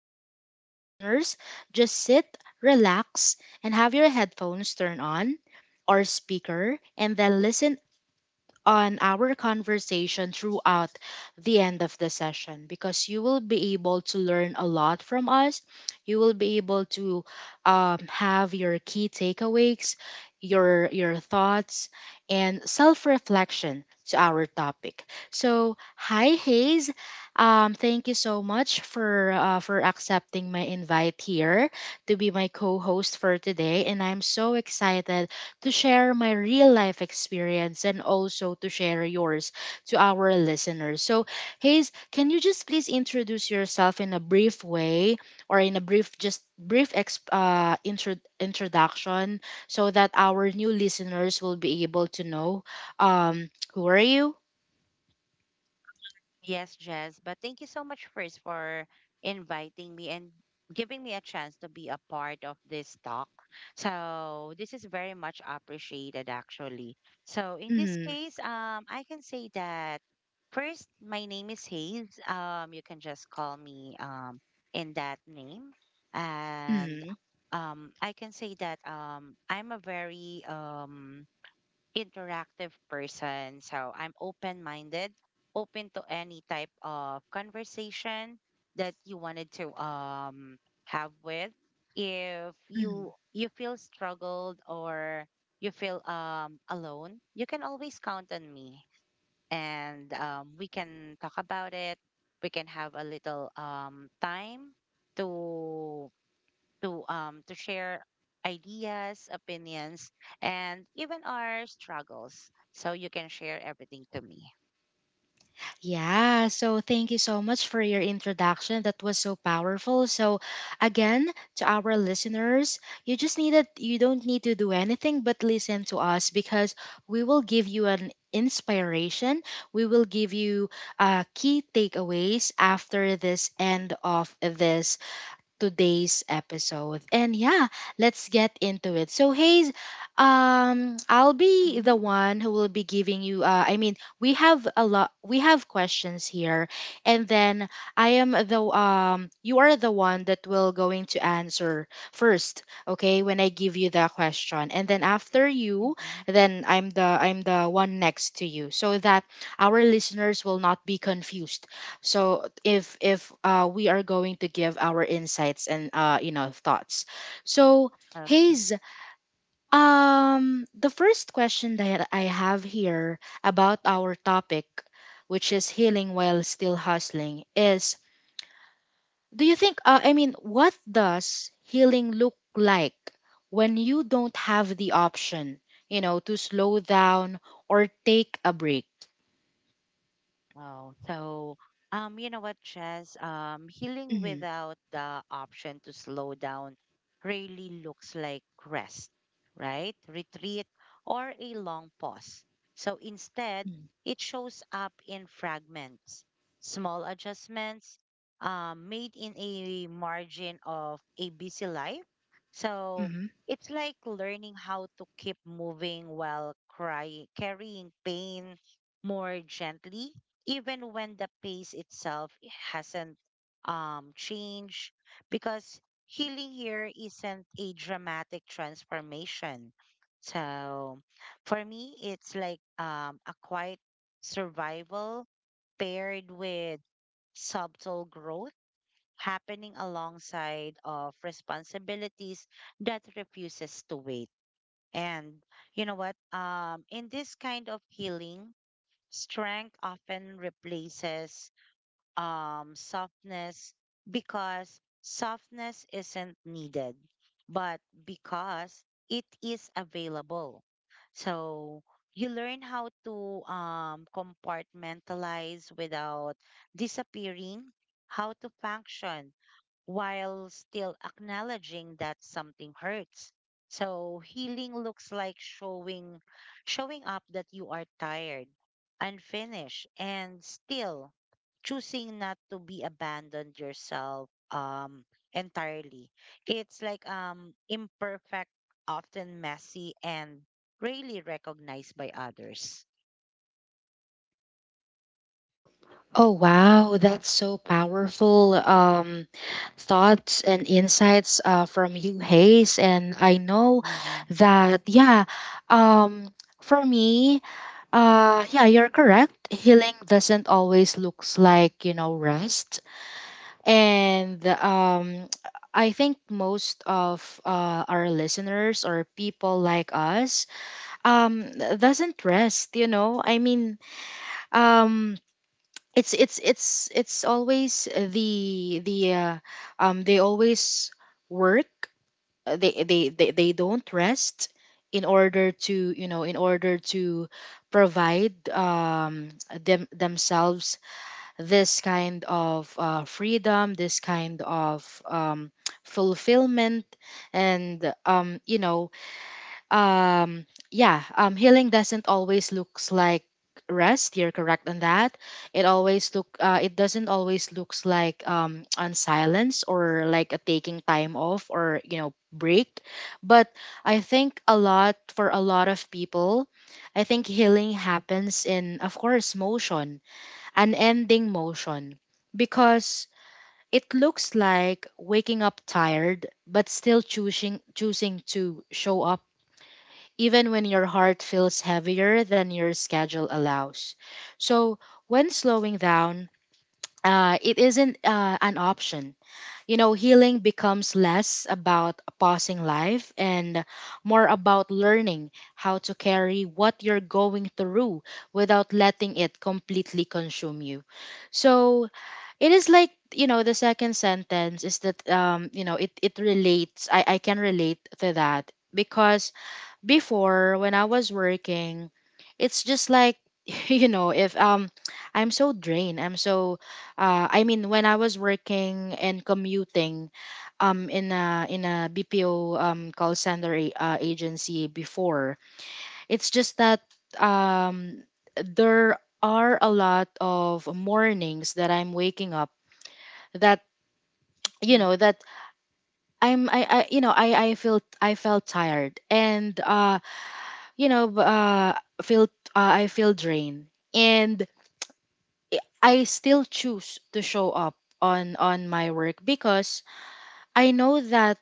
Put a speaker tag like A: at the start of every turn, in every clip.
A: to our listeners, just sit, relax, and have your headphones turned on or speaker, and then listen on our conversation throughout the end of the session because you will be able to learn a lot from us. You will be able to have your key takeaways, your thoughts, and self reflection to our topic. So, hi Hayes, thank you so much for accepting my invite here to be my co-host for today, and I'm so excited to share my real life experience and also to share yours to our listeners. So, Hayes, can you just please introduce yourself in a brief way or in a brief, just brief introduction so that our new listeners will be able to know um, who are you?
B: Yes, Jess, but thank you so much first for inviting me and giving me a chance to be a part of this talk. So this is very much appreciated actually. So in this
A: Mm-hmm.
B: case, I can say that first my name is Hayes. You can just call me in that name. And
A: Mm-hmm.
B: I can say that I'm a very interactive person. So I'm open minded, open to any type of conversation that you wanted to have with. If
A: Mm-hmm.
B: you feel struggled or you feel alone, you can always count on me and we can talk about it. We can have a little time to to share ideas, opinions, and even our struggles. So you can share everything to me.
A: Yeah, so thank you so much for your introduction. That was so powerful. So again, to our listeners, you don't need to do anything but listen to us because we will give you an inspiration. We will give you key takeaways after this end of this today's episode. And yeah, let's get into it. So, Hayes, I'll be the one who will be giving you. I mean, we have a lot. We have questions here, and then I am the. You are the one that will going to answer first. Okay, when I give you the question, and then after you,
B: Mm-hmm.
A: then I'm the one next to you, so that our listeners will not be confused. So if we are going to give our insights and you know thoughts. So Hayes, the first question that I have here about our topic, which is healing while still hustling, is, do you think I mean, what does healing look like when you don't have the option, you know, to slow down or take a break?
B: Wow. So, you know what, Chess? Healing
A: Mm-hmm.
B: without the option to slow down really looks like rest, right? Retreat or a long pause. So instead, it shows up in fragments, small adjustments, made in a margin of a busy life. So
A: Mm-hmm.
B: it's like learning how to keep moving while crying, carrying pain more gently even when the pace itself hasn't changed, because healing here isn't a dramatic transformation. So for me, it's like a quiet survival paired with subtle growth happening alongside of responsibilities that refuses to wait. And you know what? In this kind of healing, strength often replaces softness, because softness isn't needed, but because it is available. So you learn how to compartmentalize without disappearing, how to function while still acknowledging that something hurts. So healing looks like showing up that you are tired, unfinished, and still choosing not to be abandoned yourself entirely. It's like, imperfect, often messy and rarely recognized by others.
A: Oh wow, that's so powerful. Thoughts and insights from you, Hayes, and I know
B: Yeah.
A: that yeah. Um, for me, yeah, you're correct. Healing doesn't always looks like you know rest, and I think most of our listeners or people like us um doesn't rest. You know, I mean um it's it's always the they always work. They don't rest in order to you know in order to provide them themselves this kind of freedom, this kind of fulfillment and you know um yeah. Healing doesn't always looks like rest. You're correct on that. It always look it doesn't always looks like on silence or like a taking time off or you know break. But I think a lot for a lot of people, I think healing happens in of course motion, an ending motion, because it looks like waking up tired but still choosing to show up even when your heart feels heavier than your schedule allows. So, when slowing down, it isn't an option. You know, healing becomes less about pausing life and more about learning how to carry what you're going through without letting it completely consume you. So, it is like you know the second sentence is that you know it relates. I can relate to that because before when I was working, it's just like you know if I'm so drained. I'm so I mean when I was working and commuting in a BPO call center agency before, it's just that um there are a lot of mornings that I'm waking up that you
B: Mm-hmm.
A: know that I'm I you know I feel. I felt tired and you know, b- feel I feel drained, and I still choose to show up on my work because I know that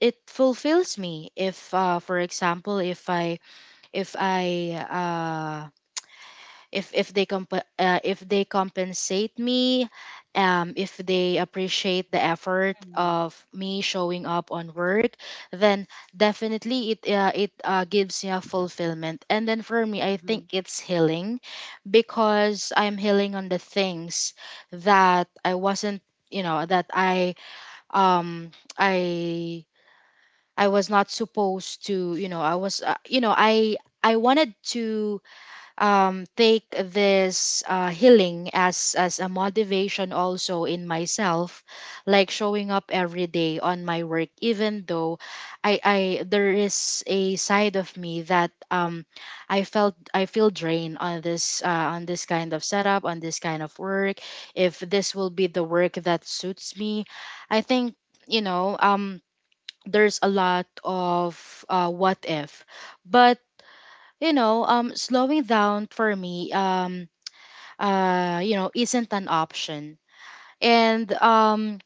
A: it fulfills me. If, for example, if I uh, if they if they compensate me, if they appreciate the effort
B: Mm-hmm.
A: of me showing up on work, then definitely it it gives me a fulfillment. And then for me, I
B: Mm-hmm.
A: think it's healing because I'm healing on the things that I wasn't you know that um i I was not supposed to. You know, I was you know, I wanted to take this healing as a motivation also in myself, like showing up every day on my work, even though I there is a side of me that I feel drained on this kind of setup, on this kind of work. If this will be the work that suits me, I think you know there's a lot of what if, but you know slowing down for me you know isn't an option. And um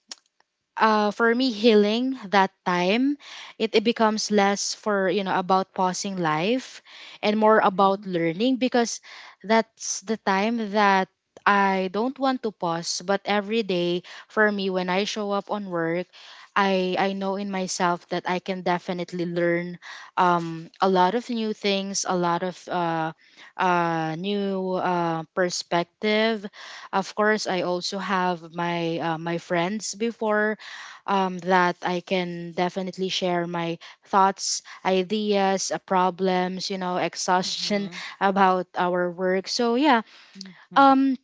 A: uh, for me healing that time, it becomes less for you know about pausing life and more
B: Mm-hmm.
A: about learning because that's the time that I don't want to pause. But every day for me when I show up on work, I know in myself that I can definitely learn a lot of new things, a lot of new perspective. Of course I also have my my friends before, that I can definitely share my thoughts, ideas, problems, you know, exhaustion
B: Mhm,
A: about our work. So yeah,
B: mhm.
A: um,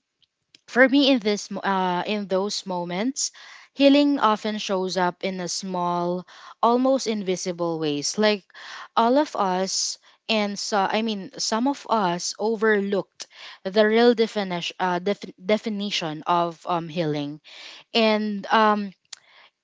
A: for me in in those moments, healing often shows up in a small, almost invisible ways. Like all of us. And so, I mean, some of us overlooked the real definition, definition of healing. And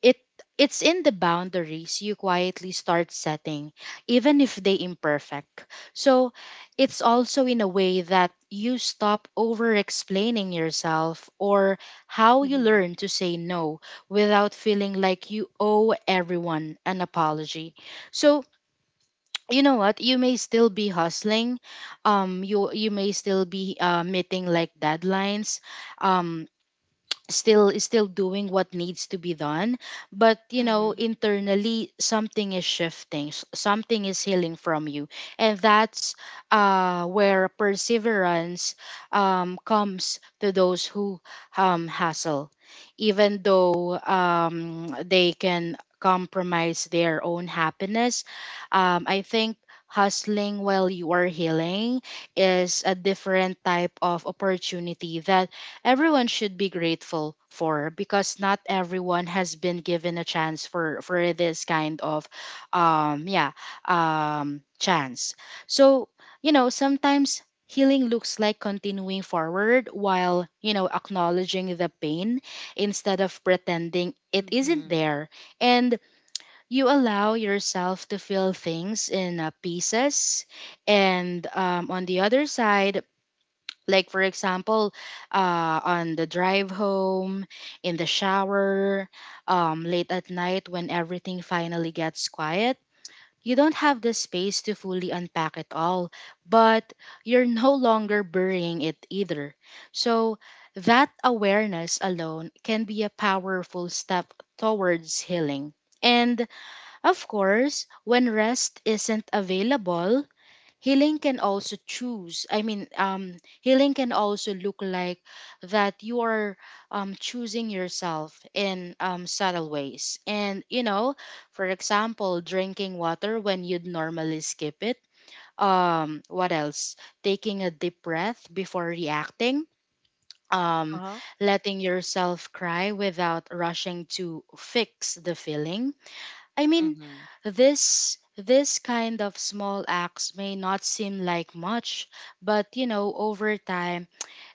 A: it it's in the boundaries you quietly start setting even if they imperfect. So it's also in a way that you stop over explaining yourself, or how you learn to say no without feeling like you owe everyone an apology. So you know what, you may still be hustling. You may still be meeting like deadlines, um still is still doing what needs to be done, but you know
B: Mm-hmm.
A: internally something is shifting. S something is healing from you, and that's where perseverance comes to those who hustle even though they can compromise their own happiness. I think hustling while you are healing is a different type of opportunity that everyone should be grateful for, because not everyone has been given a chance for this kind of um yeah chance. So you know sometimes healing looks like continuing forward while you know acknowledging the pain instead of pretending it isn't
B: Mm-hmm.
A: there. And you allow yourself to feel things in pieces. And on the other side, like, for example, on the drive home, in the shower, late at night when everything finally gets quiet, you don't have the space to fully unpack it all, but you're no longer burying it either. So, that awareness alone can be a powerful step towards healing. And of course, when rest isn't available, healing can also choose I mean healing can also look like that you are choosing yourself in subtle ways. And you know, for example, drinking water when you'd normally skip it, what else, taking a deep breath before reacting, um
B: Uh-huh.
A: letting yourself cry without rushing to fix the feeling. I mean,
B: Mhm.
A: this kind of small acts may not seem like much, but you know, over time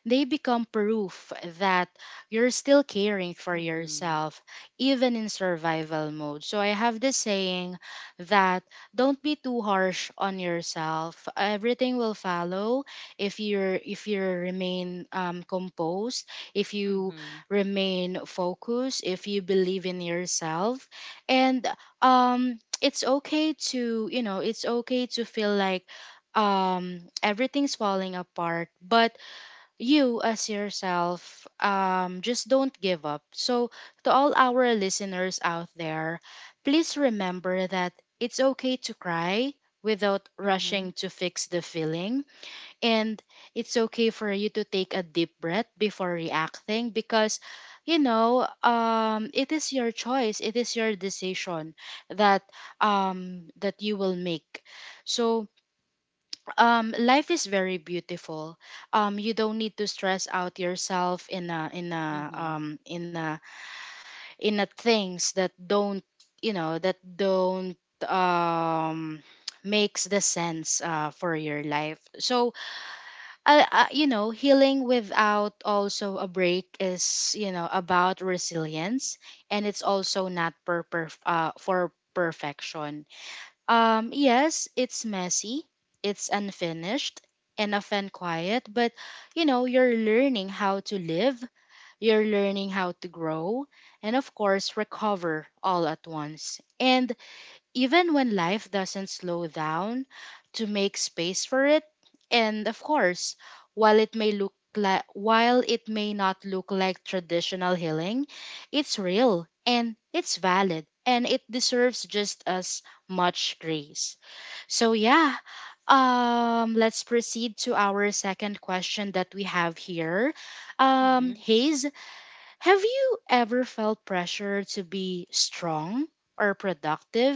A: they become proof that you're still caring for
B: Mhm.
A: yourself, even in survival mode. So I have this saying that don't be too harsh on yourself. Everything will follow if you remain composed, if you
B: Mhm.
A: remain focused, if you believe in yourself, and it's okay to it's okay to feel like everything's falling apart, but you as yourself just don't give up. So to all our listeners out there, please remember that it's okay to cry without rushing
B: Mhm.
A: to fix the feeling, and it's okay for you to take a deep breath before reacting, because it is your choice, it is your decision that that you will make. So life is very beautiful. You don't need to stress out yourself in a in a
B: Mhm.
A: in a in a things that don't, that don't, um makes the sense for your life. So healing without also a break is, about resilience, and it's also not per, per for perfection. Yes, it's messy, it's unfinished, and often quiet, but you know, you're learning how to live, you're learning how to grow, and of course, recover all at once. And even when life doesn't slow down to make space for it, and of course, while it may not look like traditional healing, it's real and it's valid and it deserves just as much grace. So yeah, let's proceed to our second question that we have here.
B: Mhm.
A: Hayes, have you ever felt pressure to be strong or productive,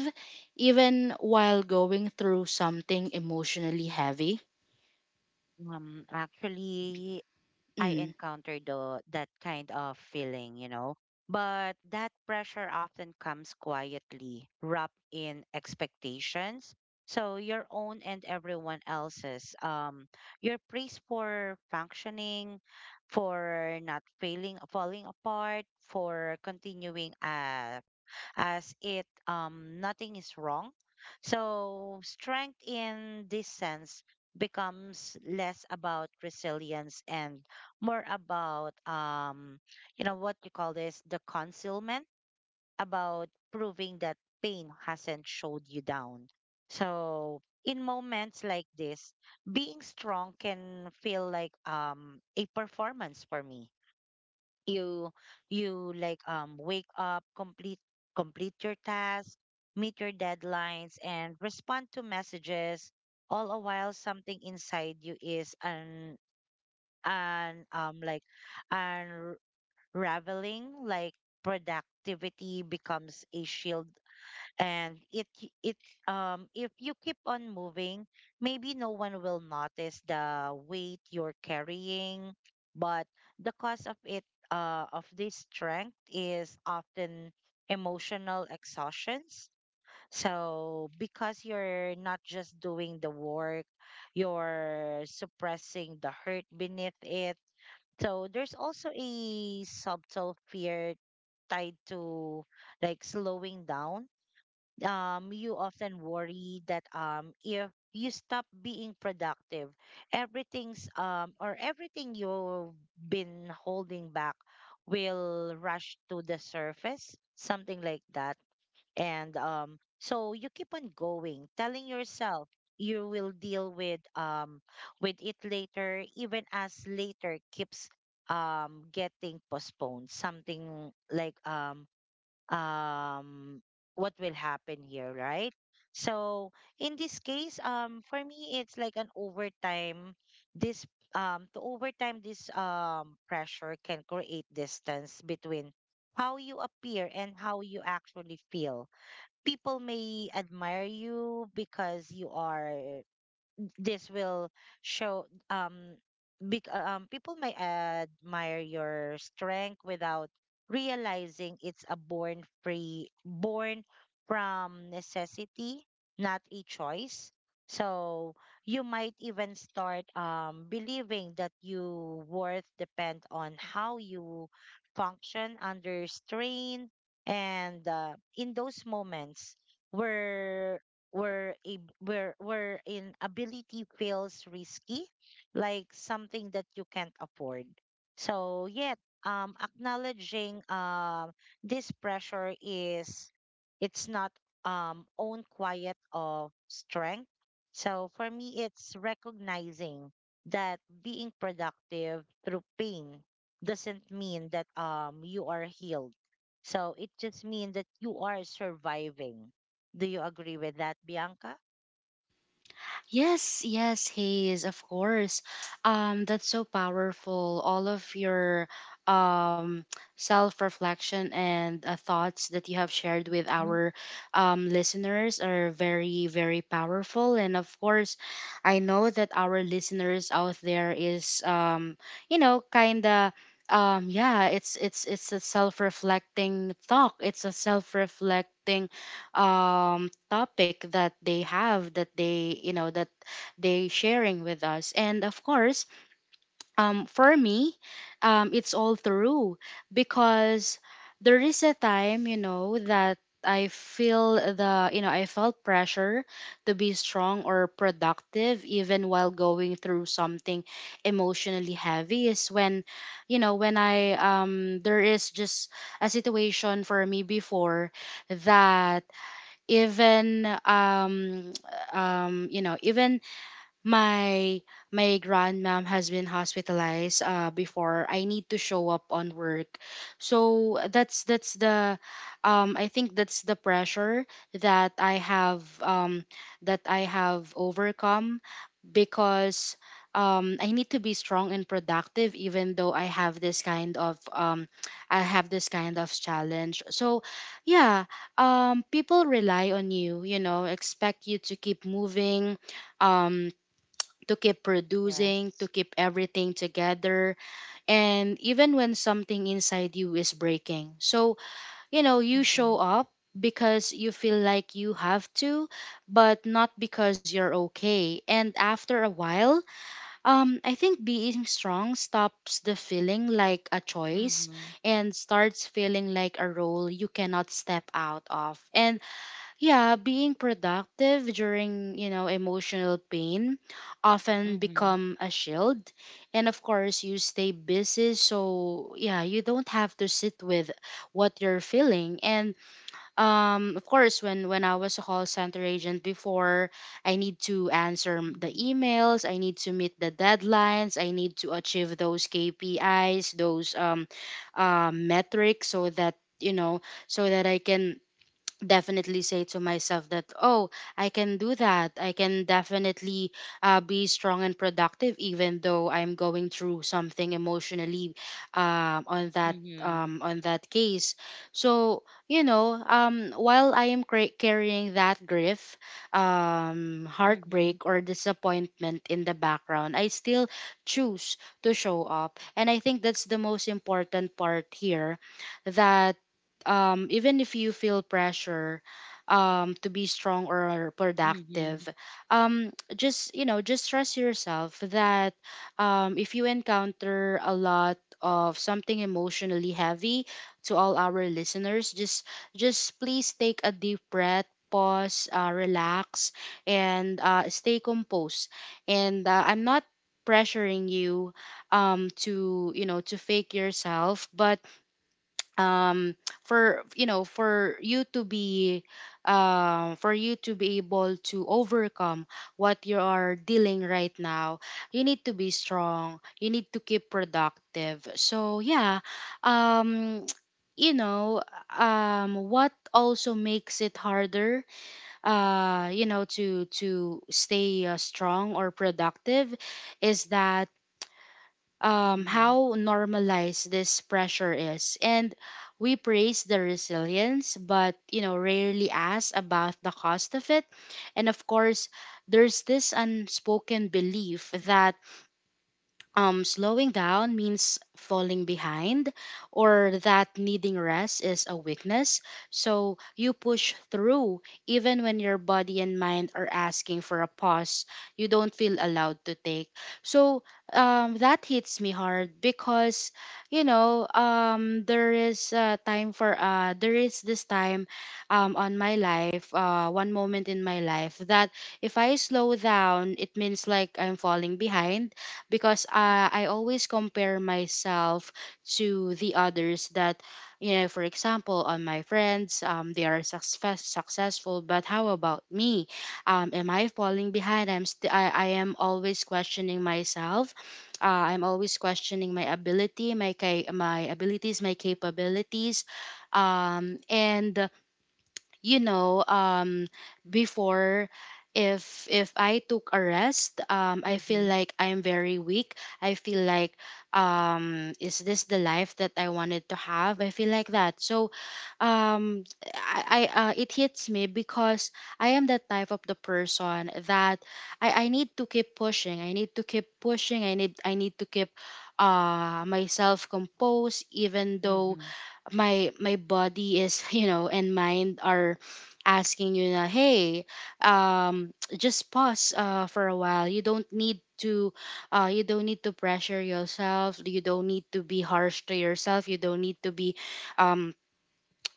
A: even while going through something emotionally heavy?
B: Actually, I
A: Mm.
B: encountered the that kind of feeling, you know. But that pressure often comes quietly, wrapped in expectations. So your own and everyone else's. Your praise for functioning, for not failing, falling apart, for continuing, as it, nothing is wrong. So strength in this sense becomes less about resilience and more about, you know, what you call this, the concealment, about proving that pain hasn't showed you down. So in moments like this, being strong can feel like, a performance for me. You you like, wake up, complete your task, meet your deadlines, and respond to messages, all a while something inside you is, an like unraveling. Like productivity becomes a shield, and it k- it if you keep on moving, maybe no one will notice the weight you're carrying. But the cause of it of this strength is often emotional exhaustions, so because you're not just doing the work, you're suppressing the hurt beneath it. So there's also a subtle fear tied to, like, slowing down. You often worry that, if you stop being productive, everything you've been holding back will rush to the surface, something like that. And, so you keep on going, telling yourself you will deal with it later, even as later keeps, getting postponed, something like, um what will happen here, right? So in this case, for me it's like an overtime. This To overtime this pressure can create distance between how you appear and how you actually feel. People may admire you because you are, this will show, um big. People may admire your strength without realizing it's a born free, born from necessity, not a choice. So you might even start believing that you worth depend on how you function under strain. And, in those moments where where a where where in ability feels risky, like something that you can't afford. So yet, acknowledging, this pressure is it's not own quiet of strength. So for me, it's recognizing that being productive through pain doesn't mean that you are healed. So it just means that you are surviving. Do you agree with that, Bianca?
A: Yes, yes, Hayes, of course. That's so powerful. All of your um, self reflection and thoughts that you have shared with
B: Mhm.
A: our listeners are very, very powerful. And of course, I know that our listeners out there is, you know, kind of. Yeah, it's it's a self-reflecting talk. It's a self-reflecting topic that they, that they sharing with us. And of course, for me, it's all through because there is a time, you know, that I feel the, I felt pressure to be strong or productive even while going through something emotionally heavy, is when, you know, when I, there is just a situation for me before that, even you know, even my grandmom has been hospitalized before I need to show up on work. So that's the, I think that's the pressure that I have that I have overcome, because I need to be strong and productive even though I have this kind of, I have this kind of challenge. So yeah, people rely on you, you know, expect you to keep moving, um, to keep producing, to
B: Yes.
A: keep everything together, and even when something inside you is breaking. So, you know, you
B: Mm-hmm.
A: show up because you feel like you have to, but not because you're okay. And after a while, I think being strong stops the feeling like a choice
B: Mm-hmm.
A: and starts feeling like a role you cannot step out of. And yeah, being productive during, you know, emotional pain often
B: Mm-hmm.
A: become a shield. And of course, you stay busy, so yeah, you don't have to sit with what you're feeling. And of course, when I was a call center agent before, I need to answer the
B: Mm-hmm.
A: emails, I need to meet the deadlines, I need to achieve those KPIs, those metrics, so that, you know, so that I can definitely say to myself that, oh, I can do that, I can definitely, be strong and productive even though I'm going through something emotionally, um, on that
B: Mm-hmm.
A: on that case. So you know, while I am carrying that grief,
B: Mm-hmm.
A: heartbreak or disappointment in the background, I still choose to show up. And I think that's the most important part here, that, even if you feel pressure, to be strong or
B: Mm-hmm.
A: productive, just, you know, just trust yourself that, if you encounter a lot of something emotionally heavy, to all our listeners, just please take a deep breath. Pause, relax, and stay composed. And I'm not pressuring you, to, you know, to fake yourself, but um for, you know, for you to be, for you to be able to overcome what you are dealing right now, you need to be strong, you need to keep productive. So yeah, um you know, what also makes it harder, you know, to stay, strong or productive, is that,
B: Mm-hmm.
A: how normalized this pressure is. And we praise the resilience, but you know, rarely ask about the cost of it. And of course, there's this unspoken belief that, slowing down means falling behind, or that needing rest is a weakness. So you push through even when your body and mind are asking for a pause you don't feel allowed to take. So that hits me hard because, you know, there is this time, on my life, one moment in my life, that if I slow down, it means like I'm falling behind, because I always compare myself to the others. That, you know, for example, on my friends, they are successful, but how about me? Am I falling behind? I am always questioning myself, uh, I'm always questioning my ability, my ca- my abilities my capabilities. And you know, before, if I took a rest, I feel
B: Mm-hmm.
A: like I'm very weak, I feel like, is this the life that I wanted to have? I feel like that. So I, it hits me because I am that type of the person that I need to keep pushing, I need to keep pushing, I need to keep myself composed, even though
B: Mm-hmm.
A: my body is you know, and mind are asking you na, hey, um just pause for a while. You don't need to, you don't need to pressure yourself, you don't need to be harsh to yourself, you don't need to be, um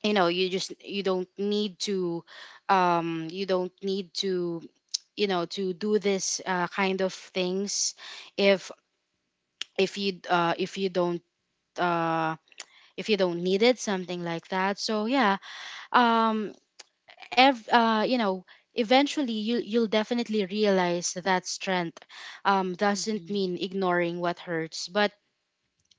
A: you know, you just, you don't need to, you don't need to, you know, to do this, kind of things, if, if you don't, uh if you don't need it, something like that. So yeah, um you know, eventually you, you'll definitely realize that strength, doesn't mean ignoring what hurts, but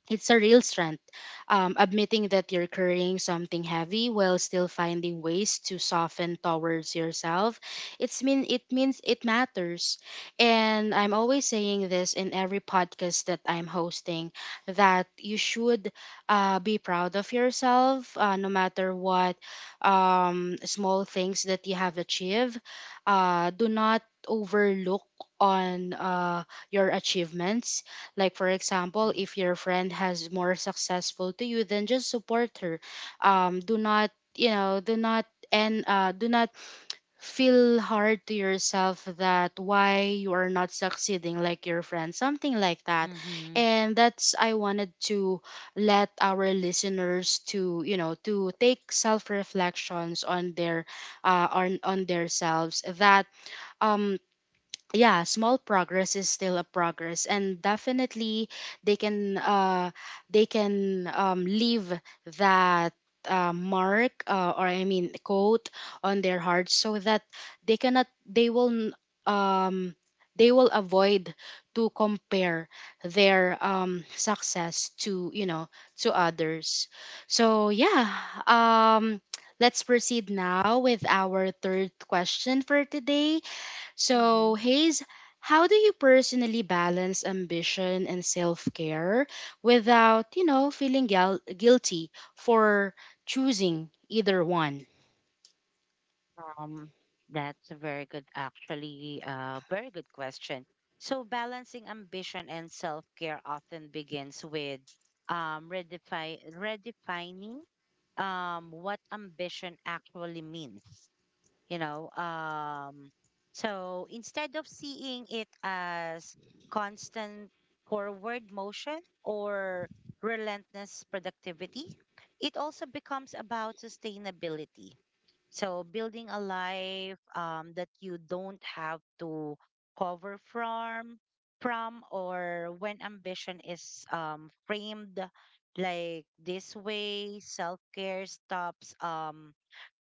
A: it's a real strength. Admitting that you're carrying something heavy while still finding ways to soften towards yourself, it means it matters. And I'm always saying this in every podcast that I'm hosting, that you should, be proud of yourself, no matter what small things that you have achieved. Do not overlook on, your achievements. Like, for example, if your friend has more successful to you, then just support her. Do not, you know, do not feel hard to yourself that why you are not succeeding like your friend, something like that. And that's I wanted to let our listeners to, you know, to take self reflections on their, on their selves, that, um yeah, small progress is still a progress, and definitely they can, leave that, mark, or I mean coat, on their heart, so that they cannot they will n- um they will avoid to compare their success to, you know, to others. So yeah, um let's proceed now with our third question for today.
B: Mm-hmm.
A: So, Hayes, how do you personally balance ambition and self care without, you know, feeling guilty for choosing either one?
B: Um, that's a very good, actually, very good question. So balancing ambition and self-care often begins with redefine redefining what ambition actually means. You know, so instead of seeing it as constant forward motion or relentless productivity, it also becomes about sustainability, so building a life, that you don't have to cover from. Or, when ambition is, framed like this way, self-care stops,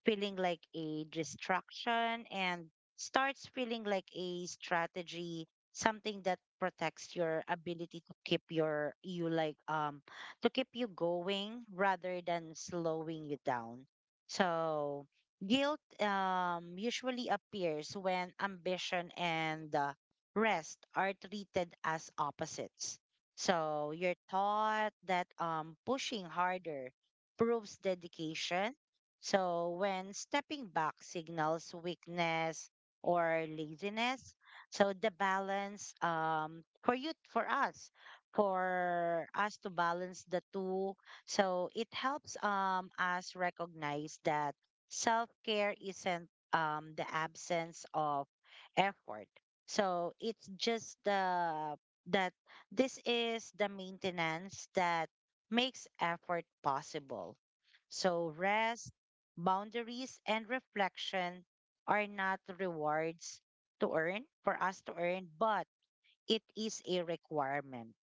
B: feeling like a distraction and starts feeling like a strategy, something that protects your ability to keep you going rather than slowing you down. So guilt, usually appears when ambition and, rest are treated as opposites. So you're taught that, pushing harder proves dedication, so when stepping back signals weakness or laziness. So the balance, for you, for us to balance the two, so it helps, us recognize that self care isn't, the absence of effort. So it's just, the that this is the maintenance that makes effort possible. So rest, boundaries and reflection are not rewards, to earn for us to earn, but it is a requirement.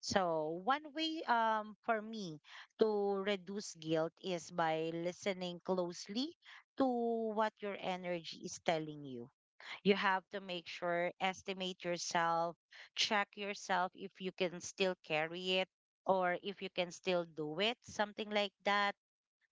B: So one way, for me to reduce guilt is by listening closely to what your energy is telling you. You have to make sure, estimate yourself, check yourself if you can still carry it or if you can still do it, something like that.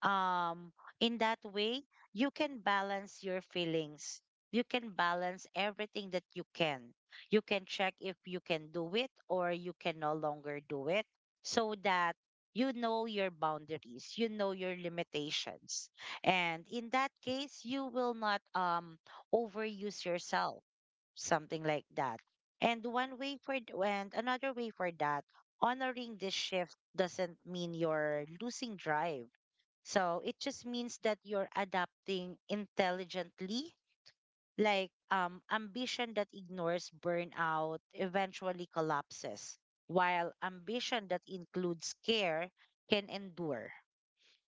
B: um in that way, you can balance your feelings, you can balance everything that you can check if you can do it or you can no longer do it, so that you know your boundaries, you know your limitations, and in that case you will not overuse yourself, something like that. And one way for th- and another way for that, honoring this shift doesn't mean you're losing drive. So it just means that you're adapting intelligently. Like, ambition that ignores burnout eventually collapses, while ambition that includes care can endure.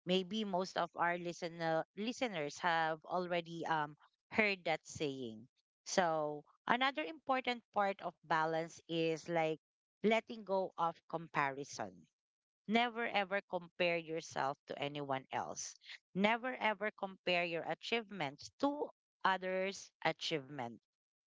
B: Maybe most of our listeners have already heard that saying. So another important part of balance is, like, letting go of comparison. Never ever compare yourself to anyone else. Never ever compare your achievements to others' achievement.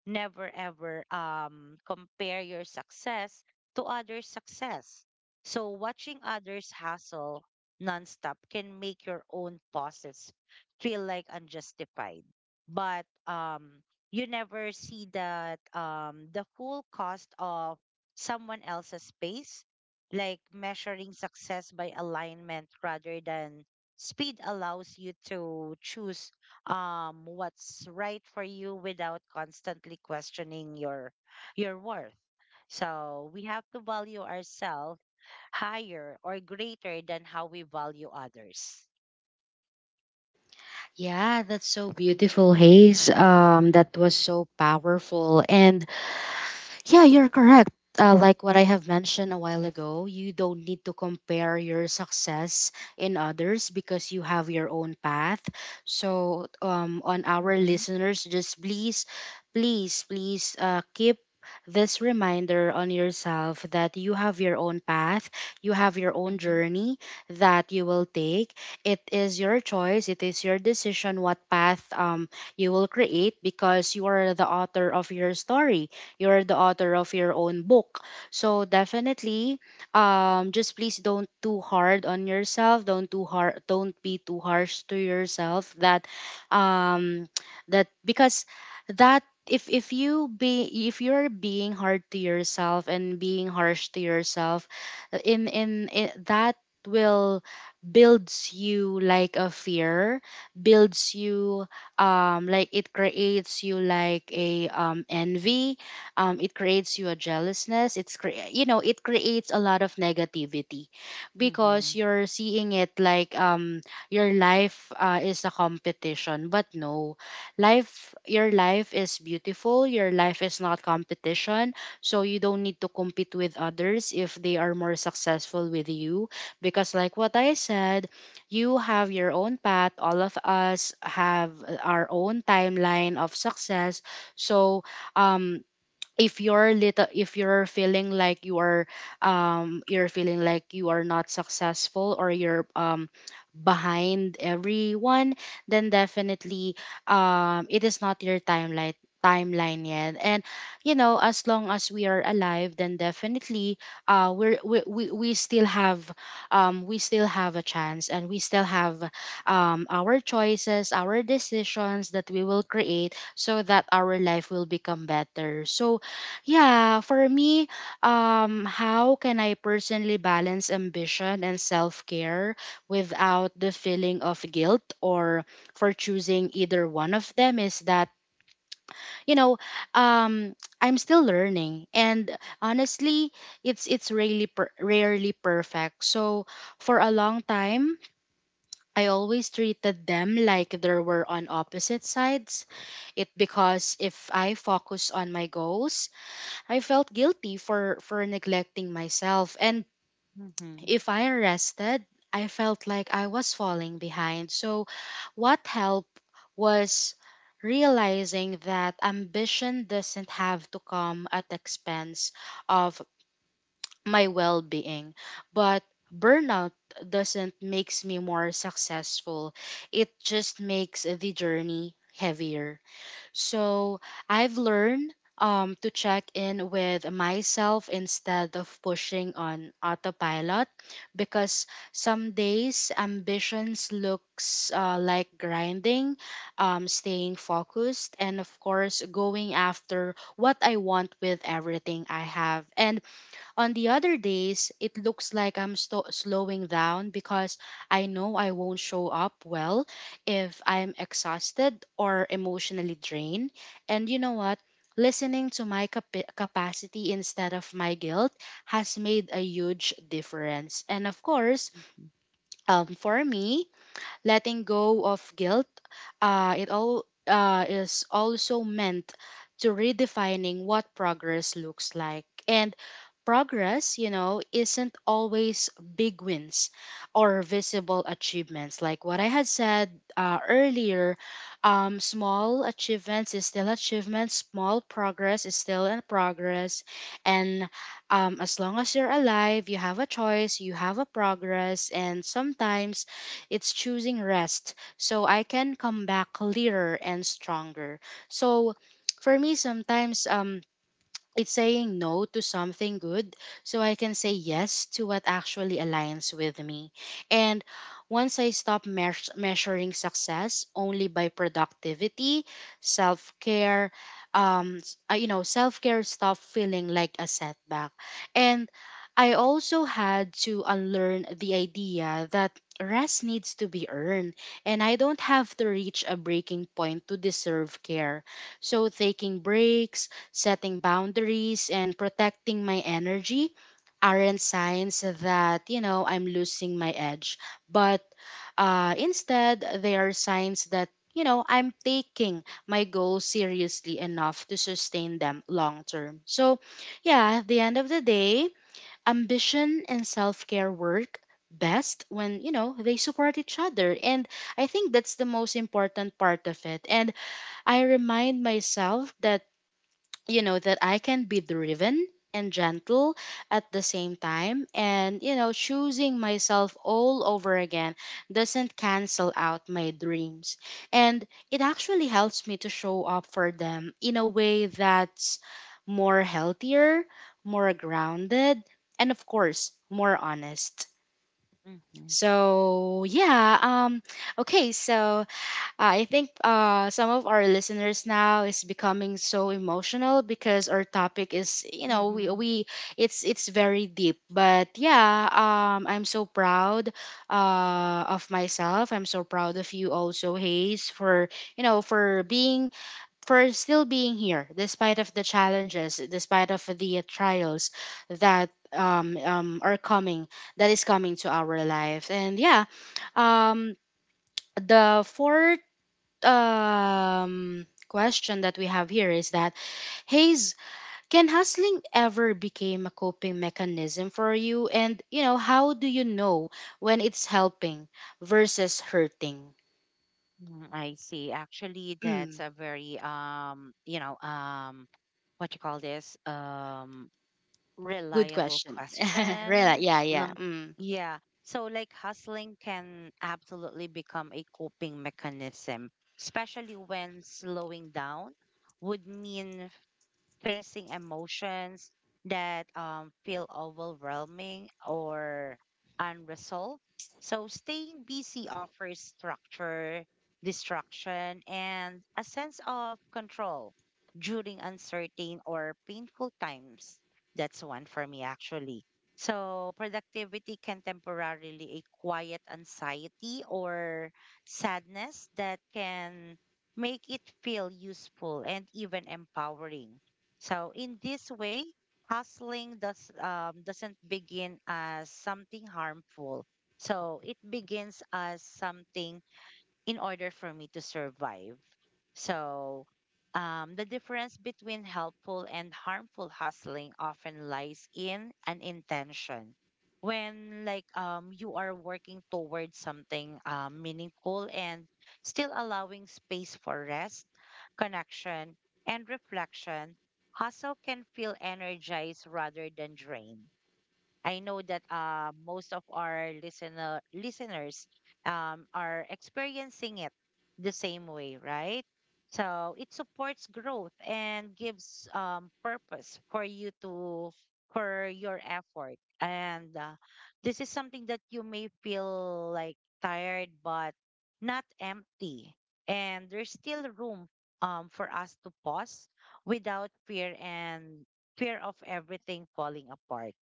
B: Never ever, compare your success to others' success. So watching others hustle nonstop can make your own pauses feel like unjustified. But, you never see, that the full cost of someone else's pace. Like, measuring success by alignment rather than speed allows you to choose, what's right for you without constantly questioning your worth. So we have to value ourselves higher or greater than how we value others.
A: Yeah, that's so beautiful,
B: Mm-hmm,
A: Hayes. That was so powerful. And yeah, you're correct. Like what I have mentioned a while ago, you don't need to compare your success in others because you have your own path. So, on our
B: mm-hmm,
A: listeners, just please, please keep this reminder on yourself that you have your own path, you have your own
B: mm-hmm,
A: journey that you will take. It is your choice, it is your decision what path, you will create, because you are the author of your story, you're the author of your own book. So definitely, just please don't too hard on yourself. Don't too hard. Don't be too harsh to yourself. That, um, that because that if you're being hard to yourself and being harsh to yourself, in that will builds you like a fear, builds you like it creates you like a envy. It creates you a jealousness. It creates a lot of negativity,
B: mm-hmm,
A: because you're seeing it like, your life is a competition. But no, life your life is beautiful. Your life is not competition, so you don't need to compete with others if they are more successful with you, because like what I said, you have your own path. All of us have our own timeline of success. So um if you're feeling like you are not successful, or you're behind everyone, then definitely it is not your timeline yet. And you know, as long as we are alive, then definitely uh we're, we we we still have we still have a chance, and we still have our choices, our decisions that we will create so that our life will become better. So yeah, for me, how can I personally balance ambition and self care without the feeling of guilt, or for choosing either one of them, is that, you know, um, I'm still learning. And honestly, it's really rarely perfect. So for a long time, I always treated them like they were on opposite sides. It because if I focus on my goals, I felt guilty for neglecting myself, and
B: mm-hmm,
A: if I rested, I felt like I was falling behind. So what helped was realizing that ambition doesn't have to come at the expense of my well-being, but burnout doesn't makes me more successful. It just makes the journey heavier. So I've learned to check in with myself instead of pushing on autopilot, because some days ambitions looks like grinding, staying focused, and of course going after what I want with everything I have. And on the other days, it looks like I'm slowing down, because I know I won't show up well if I'm exhausted or emotionally drained. And you know what? Listening to my capacity instead of my guilt has made a huge difference. And of course,
B: mm-hmm,
A: for me, letting go of guilt, it all is also meant to redefining what progress looks like. And progress, isn't always big wins or visible achievements. Like what I had said earlier, small achievements is still achievements. Small progress is still in progress. And as long as you're alive, you have a choice, you have a progress, and sometimes it's choosing rest so I can come back clearer and stronger. So for me, sometimes, it's saying no to something good so I can say
B: mm-hmm,
A: yes to what actually aligns with me. And once I stop measuring success only by productivity, self care, s- you know, self care stopped feeling like a setback. And I also had to unlearn the idea that rest needs to be earned, and I don't have to reach a breaking point to deserve care. So taking breaks, setting boundaries, and protecting my energy aren't signs that I'm losing my edge, but instead they are signs that I'm taking my goals seriously enough to sustain them long term. So yeah, at the end of the day, ambition and self-care work best when you know they support each other, and I think that's the most important part of it. And I remind myself that that I can be driven and gentle at the same time, and choosing myself all over again doesn't cancel out my dreams, and it actually helps me to show up for them in a way that's more healthier, more grounded, and of course more honest. So yeah. Okay, so I think some of our listeners now is becoming so emotional, because our topic is, you know,
B: mm-hmm.
A: we it's very deep. But yeah, I'm so proud of myself. I'm so proud of you also, Hayes, for for being for still being here despite of the challenges, despite of the trials that um, um, are coming that is coming to our life. And yeah, um the fourth question that we have here is that, Hayes, can hustling ever become a coping mechanism for you? And how do you know when it's helping versus hurting?
B: Mm, I see. Actually, that's
A: Mm,
B: a very what you call this?
A: good
B: Reliable
A: question. Really?
B: question.
A: Yeah, yeah.
B: Num
A: Mm,
B: Yeah. So, like, hustling can absolutely become a coping mechanism, especially when slowing down would mean facing emotions that, feel overwhelming or unresolved. So, staying busy offers structure, distraction, and a sense of control during uncertain or painful times. That's one for me, actually. So, productivity can temporarily a quiet anxiety or sadness that can make it feel useful and even empowering. So in this way, hustling doesn't begin as something harmful. So it begins as something in order for me to survive. So, the difference between helpful and harmful hustling often lies in an intention. When, like, you are working towards something, meaningful and still allowing space for rest, connection, and reflection, hustle can feel energized rather than drained. I know that, most of our listeners, are experiencing it the same way, right? So it supports growth and gives, purpose for your effort. And, this is something that you may feel like tired, but not empty. And there's still room, for us to pause without fear and fear of everything falling apart.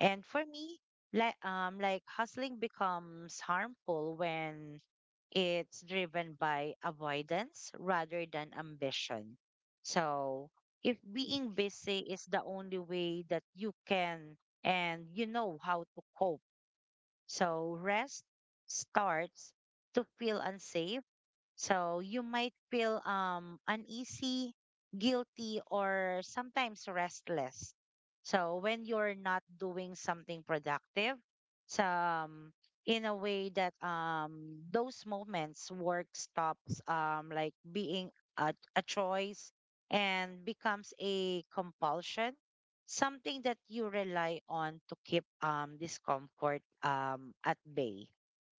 B: And for me, like hustling becomes harmful when it's driven by avoidance rather than ambition. So if being busy is the only way that you can and you know how to cope, so rest starts to feel unsafe, so you might feel, uneasy, guilty, or sometimes restless. So when you're not doing something productive, so, in a way that, those moments work stops, like being a choice and becomes a compulsion, something that you rely on to keep, discomfort, at bay.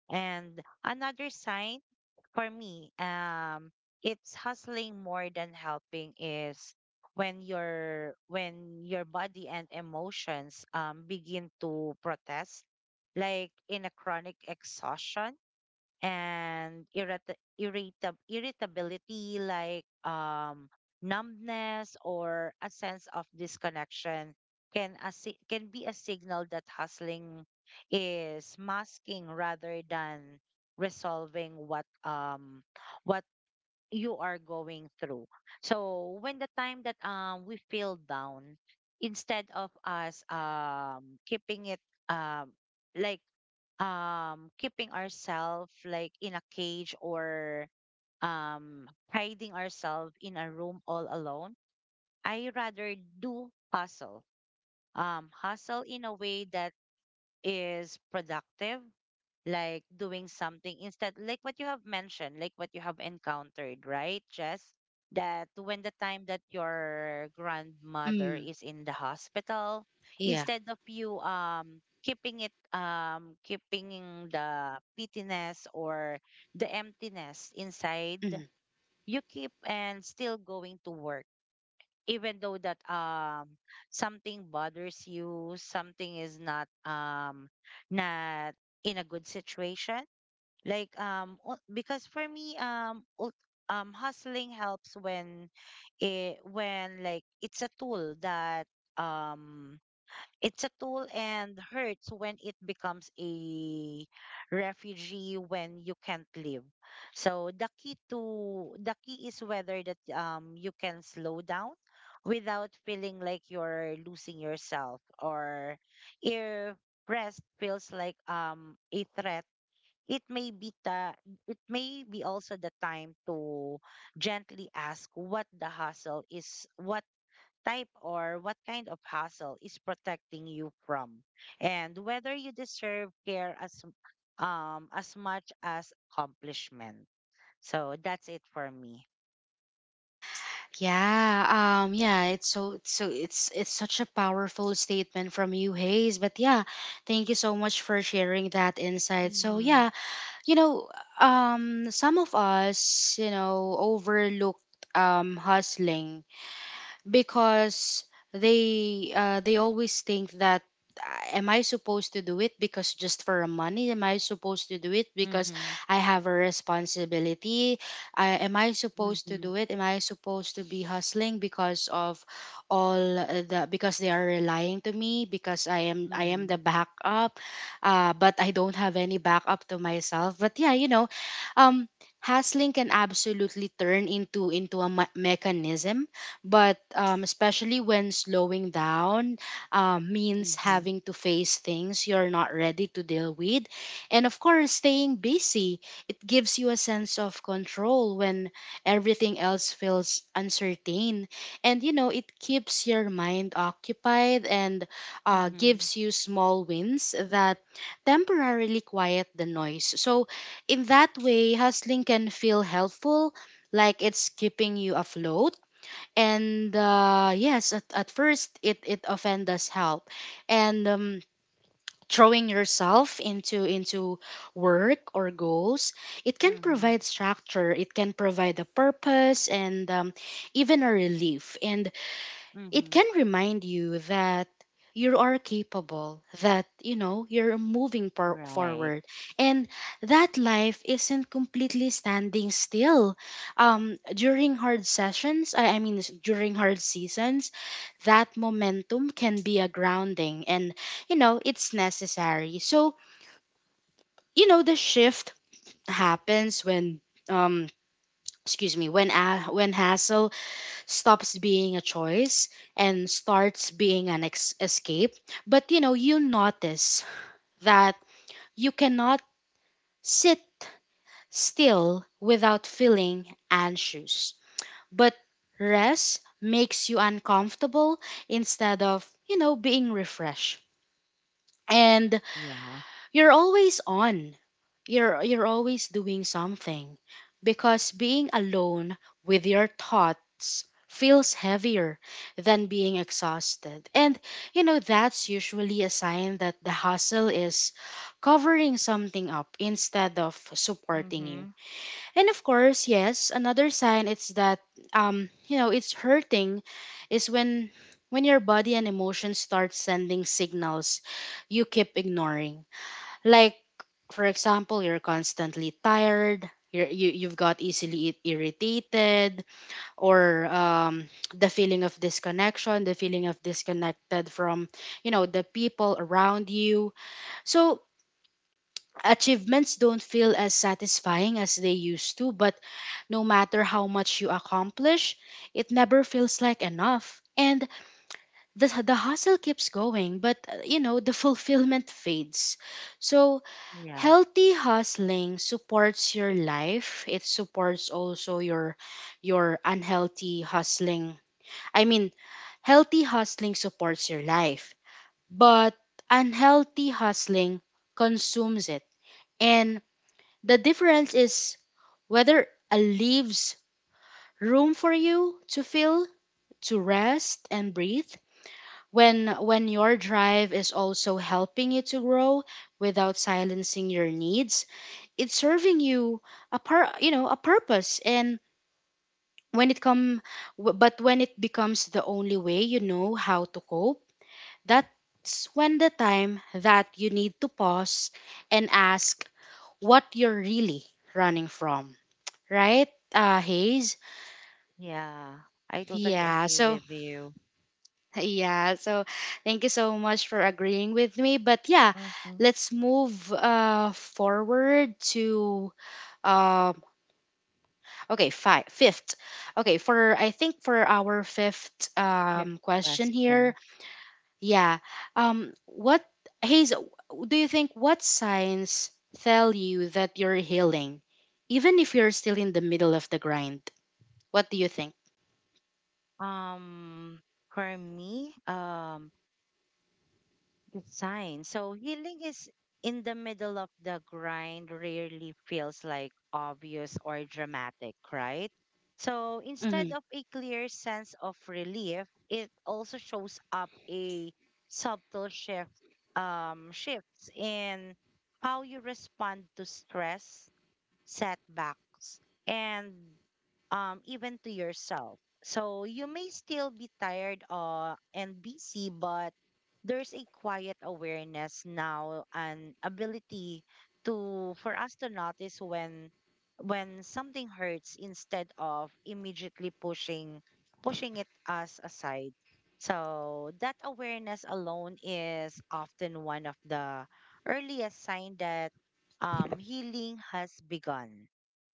B: And another sign for me, it's hustling more than helping is when your body and emotions begin to protest, like in a chronic exhaustion and irritability like numbness or a sense of disconnection can be a signal that hustling is masking rather than resolving what you are going through. So when the time that we feel down, instead of us keeping it, um like keeping ourselves like in a cage or hiding ourselves in a room all alone, I rather do hustle, hustle in a way that is productive, like doing something instead, like what you have mentioned, like what you have encountered, right, Jess? That when the time that your grandmother
A: mm,
B: is in the hospital,
A: yeah.
B: instead of you keeping it, keeping the pittiness or the emptiness inside,
A: Mm.
B: you keep and still going to work, even though that something bothers you, something is not in a good situation. Like o- because for me ul- hustling helps when it when like it's a tool that um it's a tool, and hurts when it becomes a refugee when you can't live. So the key is whether that you can slow down without feeling like you're losing yourself, or if rest feels like a threat, it may be ta it may be also the time to gently ask what the hustle is, what type or what kind of hustle is protecting you from, and whether you deserve care as much as accomplishment. So that's it for me.
A: Yeah, yeah, it's so it's so it's such a powerful statement from you, Hayes. But yeah, thank you so much for sharing that insight. So
B: Mhm.
A: yeah, you know, some of us overlooked hustling, because they always think that, "Ah, am I supposed to do it because just for money? Am I supposed to do it because
B: Mhm.
A: I have a responsibility? Am I supposed to
B: Mhm.
A: do it? Am I supposed to be hustling because of all the because they are relying to me, because I am
B: Mhm.
A: the backup, but I don't have any backup to myself." But yeah, um, hustling can absolutely turn into a mechanism, but especially when slowing down means
B: Mhm.
A: having to face things you're not ready to deal with. And of course, staying busy, it gives you a sense of control when everything else feels uncertain. And it keeps your mind occupied and
B: Mhm.
A: gives you small wins that temporarily quiet the noise. So, in that way, hustling can feel helpful, like it's keeping you afloat, and yes, at first it offends us help. And throwing yourself into work or goals, it can
B: Mhm.
A: provide structure, it can provide a purpose, and even a relief, and it
B: Mhm.
A: can remind you that you are capable, that you're moving
B: Right.
A: forward, and that life isn't completely standing still. During hard sessions, I mean during hard seasons, that momentum can be a grounding, and it's necessary. So the shift happens when, um excuse me, when hassle stops being a choice and starts being an escape. But you notice that you cannot sit still without feeling anxious. But rest makes you uncomfortable instead of being refreshed. And
B: Yeah.
A: you're always on. You're always doing something because being alone with your thoughts feels heavier than being exhausted, and that's usually a sign that the hustle is covering something up instead of supporting you.
B: Mhm.
A: And of course, yes, another sign it's that it's hurting is when your body and emotions start sending signals you keep ignoring, like, for example, you're constantly tired, you've got easily irritated, or the feeling of disconnection, the feeling of disconnected from the people around you. So, achievements don't feel as satisfying as they used to, but no matter how much you accomplish, it never feels like enough. And the hustle keeps going, but, the fulfillment fades. So,
B: Yeah.
A: healthy hustling supports your life, it supports also your unhealthy hustling. I mean, healthy hustling supports your life, but unhealthy hustling consumes it. And the difference is whether it leaves room for you to feel, to rest and breathe. When your drive is also helping you to grow without silencing your needs, it's serving you a par, you know a purpose. And when it come w- but when it becomes the only way you know how to cope, that's when the time that you need to pause and ask what you're really running from. Right. Hayes.
B: Yeah, I totally
A: Yeah,
B: agree
A: so.
B: with you.
A: Yeah, so thank you so much for agreeing with me. But yeah,
B: Mm-hmm.
A: let's move forward to, um okay, fifth. Okay, for I think for our fifth
B: Your
A: question here,
B: question.
A: yeah. What, Hayes, do you think what signs tell you that you're healing, even if you're still in the middle of the grind? What do you think?
B: Um, for me, the sign. So healing is in the middle of the grind, rarely feels like obvious or dramatic, right? So
A: Hmm.
B: instead of a clear sense of relief, it also shows up a subtle shift, shifts in how you respond to stress, setbacks, and even to yourself. So you may still be tired and busy, but there's a quiet awareness now and ability to for us to notice when something hurts instead of immediately pushing it us aside. So that awareness alone is often one of the earliest sign that healing has begun.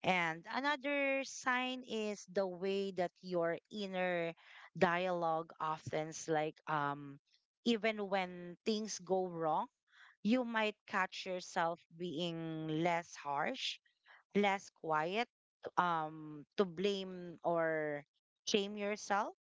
B: And another sign is the way that your inner dialogue often like even when things go wrong, you might catch yourself being less harsh, less quiet, to blame or shame yourself.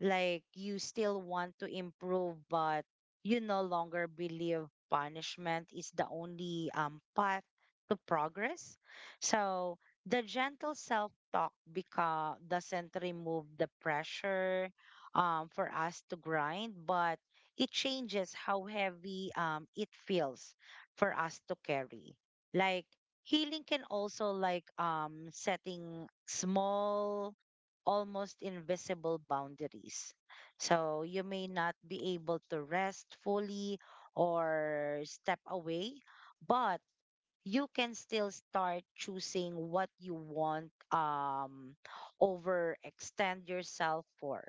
B: Like you still want to improve, but you no longer believe punishment is the only path to progress. So the gentle self-talk become doesn't remove the pressure for us to grind, but it changes how heavy it feels for us to carry. Like healing can also like setting small almost invisible boundaries. So you may not be able to rest fully or step away, but you can still start choosing what you want over extend yourself for.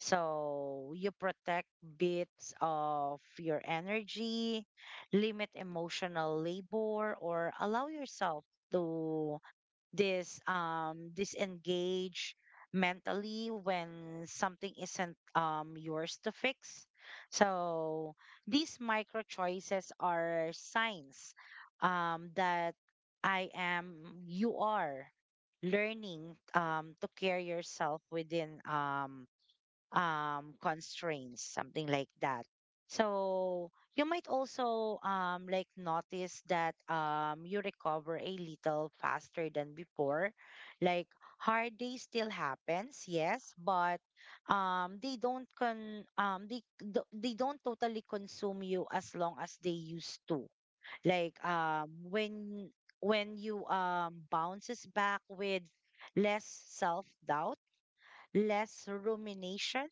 B: So you protect bits of your energy, limit emotional labor, or allow yourself to this disengage mentally when something isn't yours to fix. So these micro choices are signs that I am you are learning to care yourself within constraints, something like that. So you might also like notice that you recover a little faster than before. Like hard day still happens, yes, but they don't con they do- they don't totally consume you as long as they used to. Like when you bounces back with less self doubt, less rumination,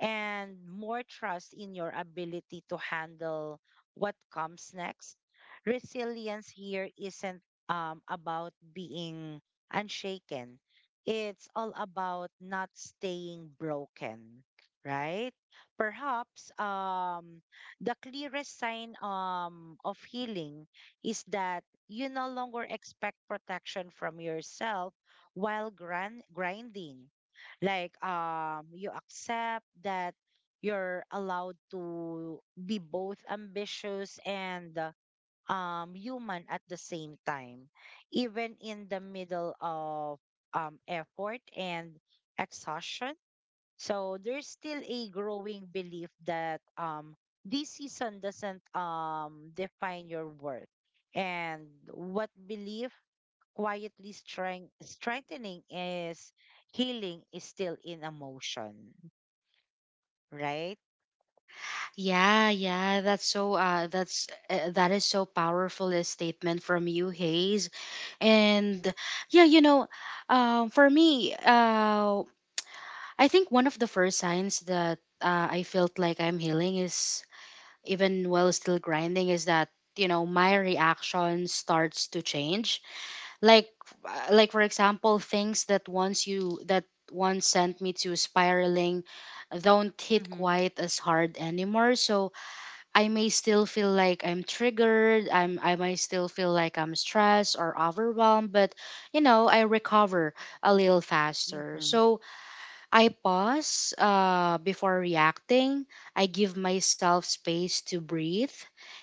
B: and more trust in your ability to handle what comes next. Resilience here isn't about being unshaken, it's all about not staying broken, right? Perhaps the clearest sign of healing is that you no longer expect protection from yourself while grinding. Like you accept that you're allowed to be both ambitious and human at the same time, even in the middle of effort and exhaustion. So there's still a growing belief that this season doesn't define your worth, and what belief quietly strengthening is healing is still in emotion, right?
A: Yeah, yeah, that is so powerful a statement from you, Hayes. And yeah, for me, I think one of the first signs that I felt like I'm healing, is even while still grinding, is that my reaction starts to change. Like, for example, things that once you that once sent me to spiraling don't hit
B: Mm-hmm.
A: quite as hard anymore. So I may still feel like I'm triggered. I may still feel like I'm stressed or overwhelmed, but I recover a little faster.
B: Mm-hmm.
A: So I pause before reacting. I give myself space to breathe.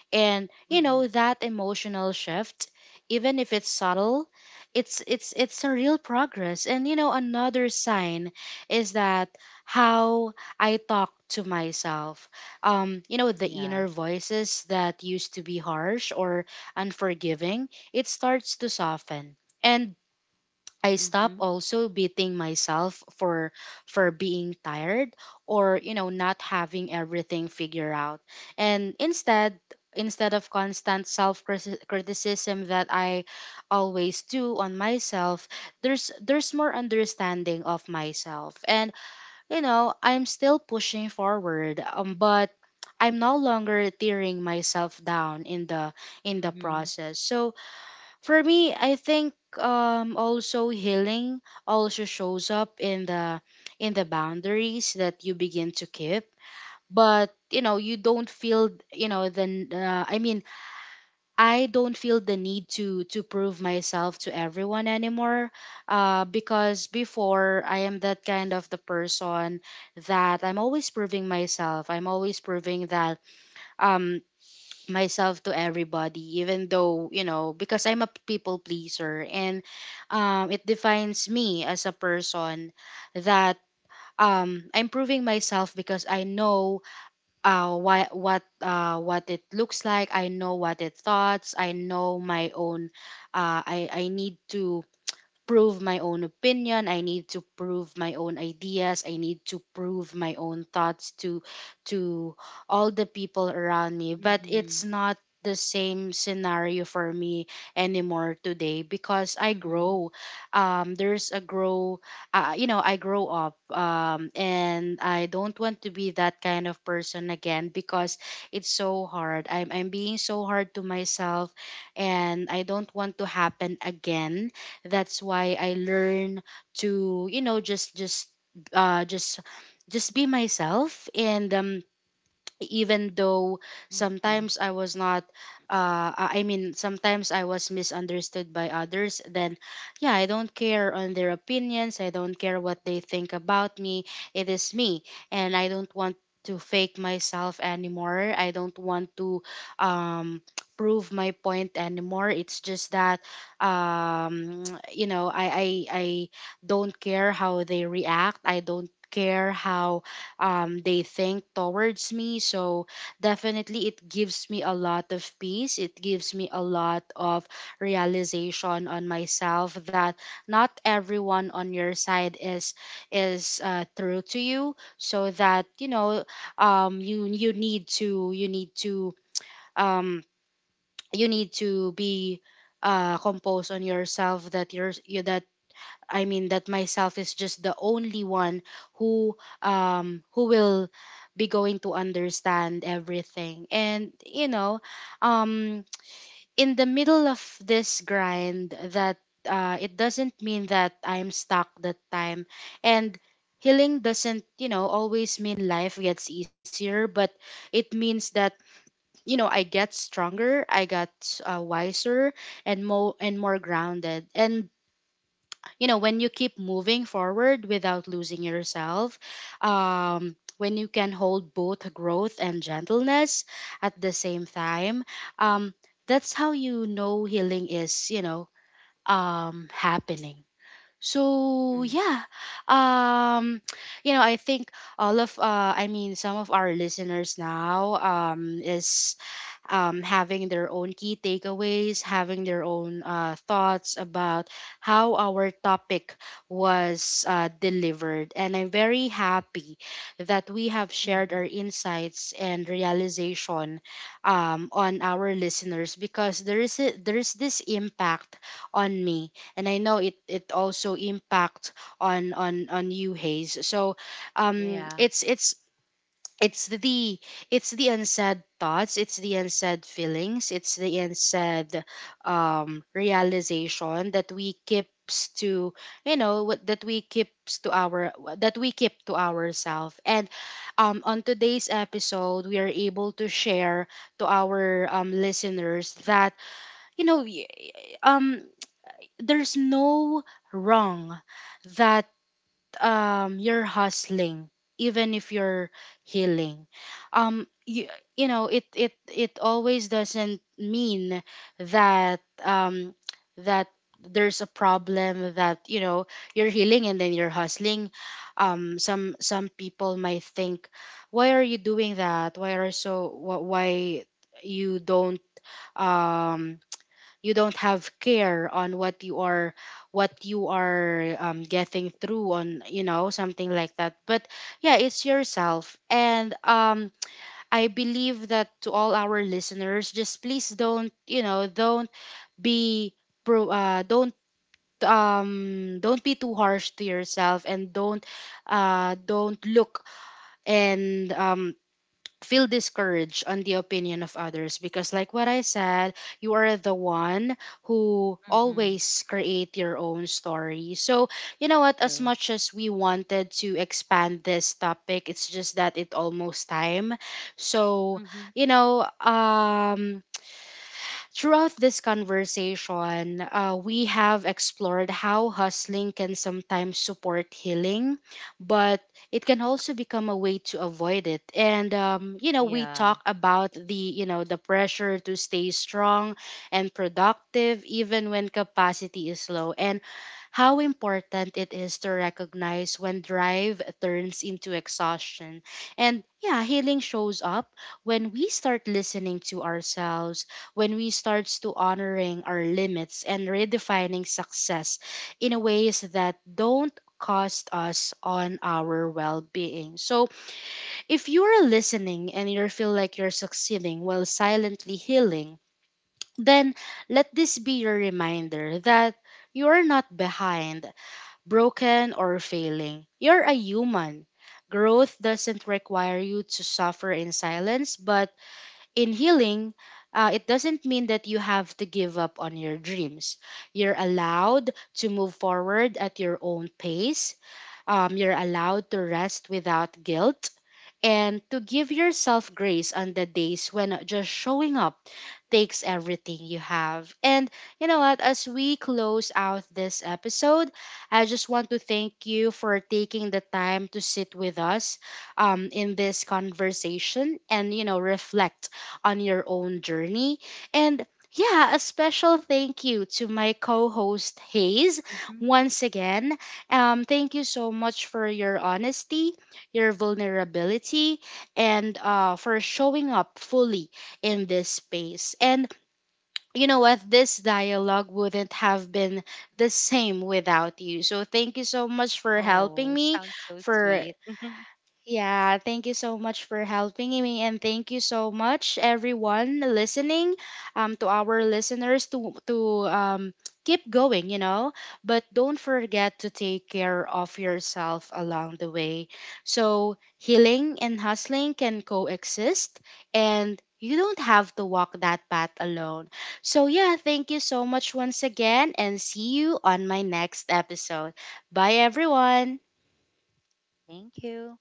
A: And you know
B: Mm-hmm.
A: that emotional shift, even if it's subtle, it's a real progress. And you know, another sign is that how I talk to myself. You know the inner
B: Yeah.
A: voices that used to be harsh or unforgiving, it starts to soften. And I stop
B: Mm-hmm.
A: also beating myself for being tired, or you know not having everything figured out. And instead of constant self criticism that I always do on myself, there's more understanding of myself. And you know, I'm still pushing forward, but I'm no longer tearing myself down in the
B: Mm-hmm.
A: process. So for me, I think also healing also shows up in the boundaries that you begin to keep. But you know, you don't feel you know the I mean, I don't feel the need to prove myself to everyone anymore. Because before I am that kind of the person that I'm always proving myself. I'm always proving that um myself to everybody even though you know because I'm a people pleaser, and it defines me as a person that I'm proving myself because I know why, what it looks like. I know what it thoughts. I know my own I need to prove my own opinion. I need to prove my own ideas. I need to prove my own thoughts to to all the people around me, but it's
B: Mm-hmm.
A: not the same scenario for me anymore today because I
B: Mm-hmm.
A: grow. There's a grow. You know, I grow up, and I don't want to be that kind of person again because it's so hard. I'm being so hard to myself, and I don't want to happen again. That's why I learn to, you know, uh just just be myself. And even though
B: Mm-hmm.
A: sometimes I was not I mean, sometimes I was misunderstood by others, then yeah, I don't care on their opinions. I don't care what they think about me. It is me, and I don't want to fake myself anymore. I don't want to um prove my point anymore. It's just that um you know, I don't care how they react. I don't care how they think towards me. So definitely it gives me a lot of peace. It gives me a lot of realization on myself that not everyone on your side is true to you. So that you need to um, you need to be composed on yourself, that you're you, that that myself is just the only one who who will be going to understand everything. And you know, um in the middle of this grind, that it doesn't mean that I'm stuck that time. And healing doesn't, you know, always mean life gets easier, but it means that, you know, I get stronger. I got wiser and more grounded. And you know, when you keep moving forward without losing yourself, when you can hold both growth and gentleness at the same time, um that's how, you know, healing is happening. So yeah, um you know, I think all of I mean some of our listeners now is having their own key takeaways, having their own thoughts about how our topic was delivered. And I'm very happy that we have shared
B: Mm-hmm.
A: our insights and realization on our listeners, because there is this impact on me, and I know it also impact on you, Hayes. So um,
B: Yeah.
A: it's it's it's the it's the unsaid thoughts. It's the unsaid feelings. It's the unsaid realization that we keeps to, you know what that we keeps to our that we keep to ourselves. And on today's episode, we are able to share to our listeners that you know um there's no wrong that you're hustling even if you're healing. um you, you know, it always doesn't mean that that there's a problem that, you know, you're healing and then you're hustling. Some people might think, why are you doing that? Why are so wh- Why you don't, um you don't have care on what you are, what you are, getting through on, you know, something like that. But yeah, it's yourself. And I believe that to all our listeners, just please don't, you know, don't be pro don't, don't be too harsh to yourself, and don't, don't look and feel discouraged on the opinion of others, because like what I said, you are the one who
B: Mm-hmm.
A: always create your own story. So you know what? As
B: True.
A: much as we wanted to expand this topic, it's just that it almost time. So
B: Mm-hmm.
A: you know, throughout this conversation, we have explored how hustling can sometimes support healing, but it can also become a way to avoid it. And you know, we
B: Yeah.
A: talk about the you know the pressure to stay strong and productive even when capacity is low. And how important it is to recognize when drive turns into exhaustion. And yeah, healing shows up when we start listening to ourselves, when we start to honoring our limits and redefining success in ways that don't cost us on our well-being. So if you are listening and you feel like you're succeeding while silently healing, then let this be your reminder that you are not behind, broken, or failing. You're a human. Growth doesn't require you to suffer in silence, but in healing, it doesn't mean that you have to give up on your dreams. You're allowed to move forward at your own pace. You're allowed to rest without guilt and to give yourself grace on the days when just showing up takes everything you have. And you know what? As we close out this episode, I just want to thank you for taking the time to sit with us in this conversation and, you know, reflect on your own journey. And yeah, a special thank you to my co host Hayes
B: Mm-hmm.
A: once again. Thank you so much for your honesty, your vulnerability, and for showing up fully in this space. And you know what? This dialogue wouldn't have been the same without you. So thank you so much for helping
B: Oh,
A: me,
B: sounds so
A: for
B: sweet.
A: yeah, thank you so much for helping me, and thank you so much everyone listening, to our listeners, to keep going, you know. But don't forget to take care of yourself along the way. So healing and hustling can coexist, and you don't have to walk that path alone. So yeah, thank you so much once again, and see you on my next episode. Bye, everyone.
B: Thank you.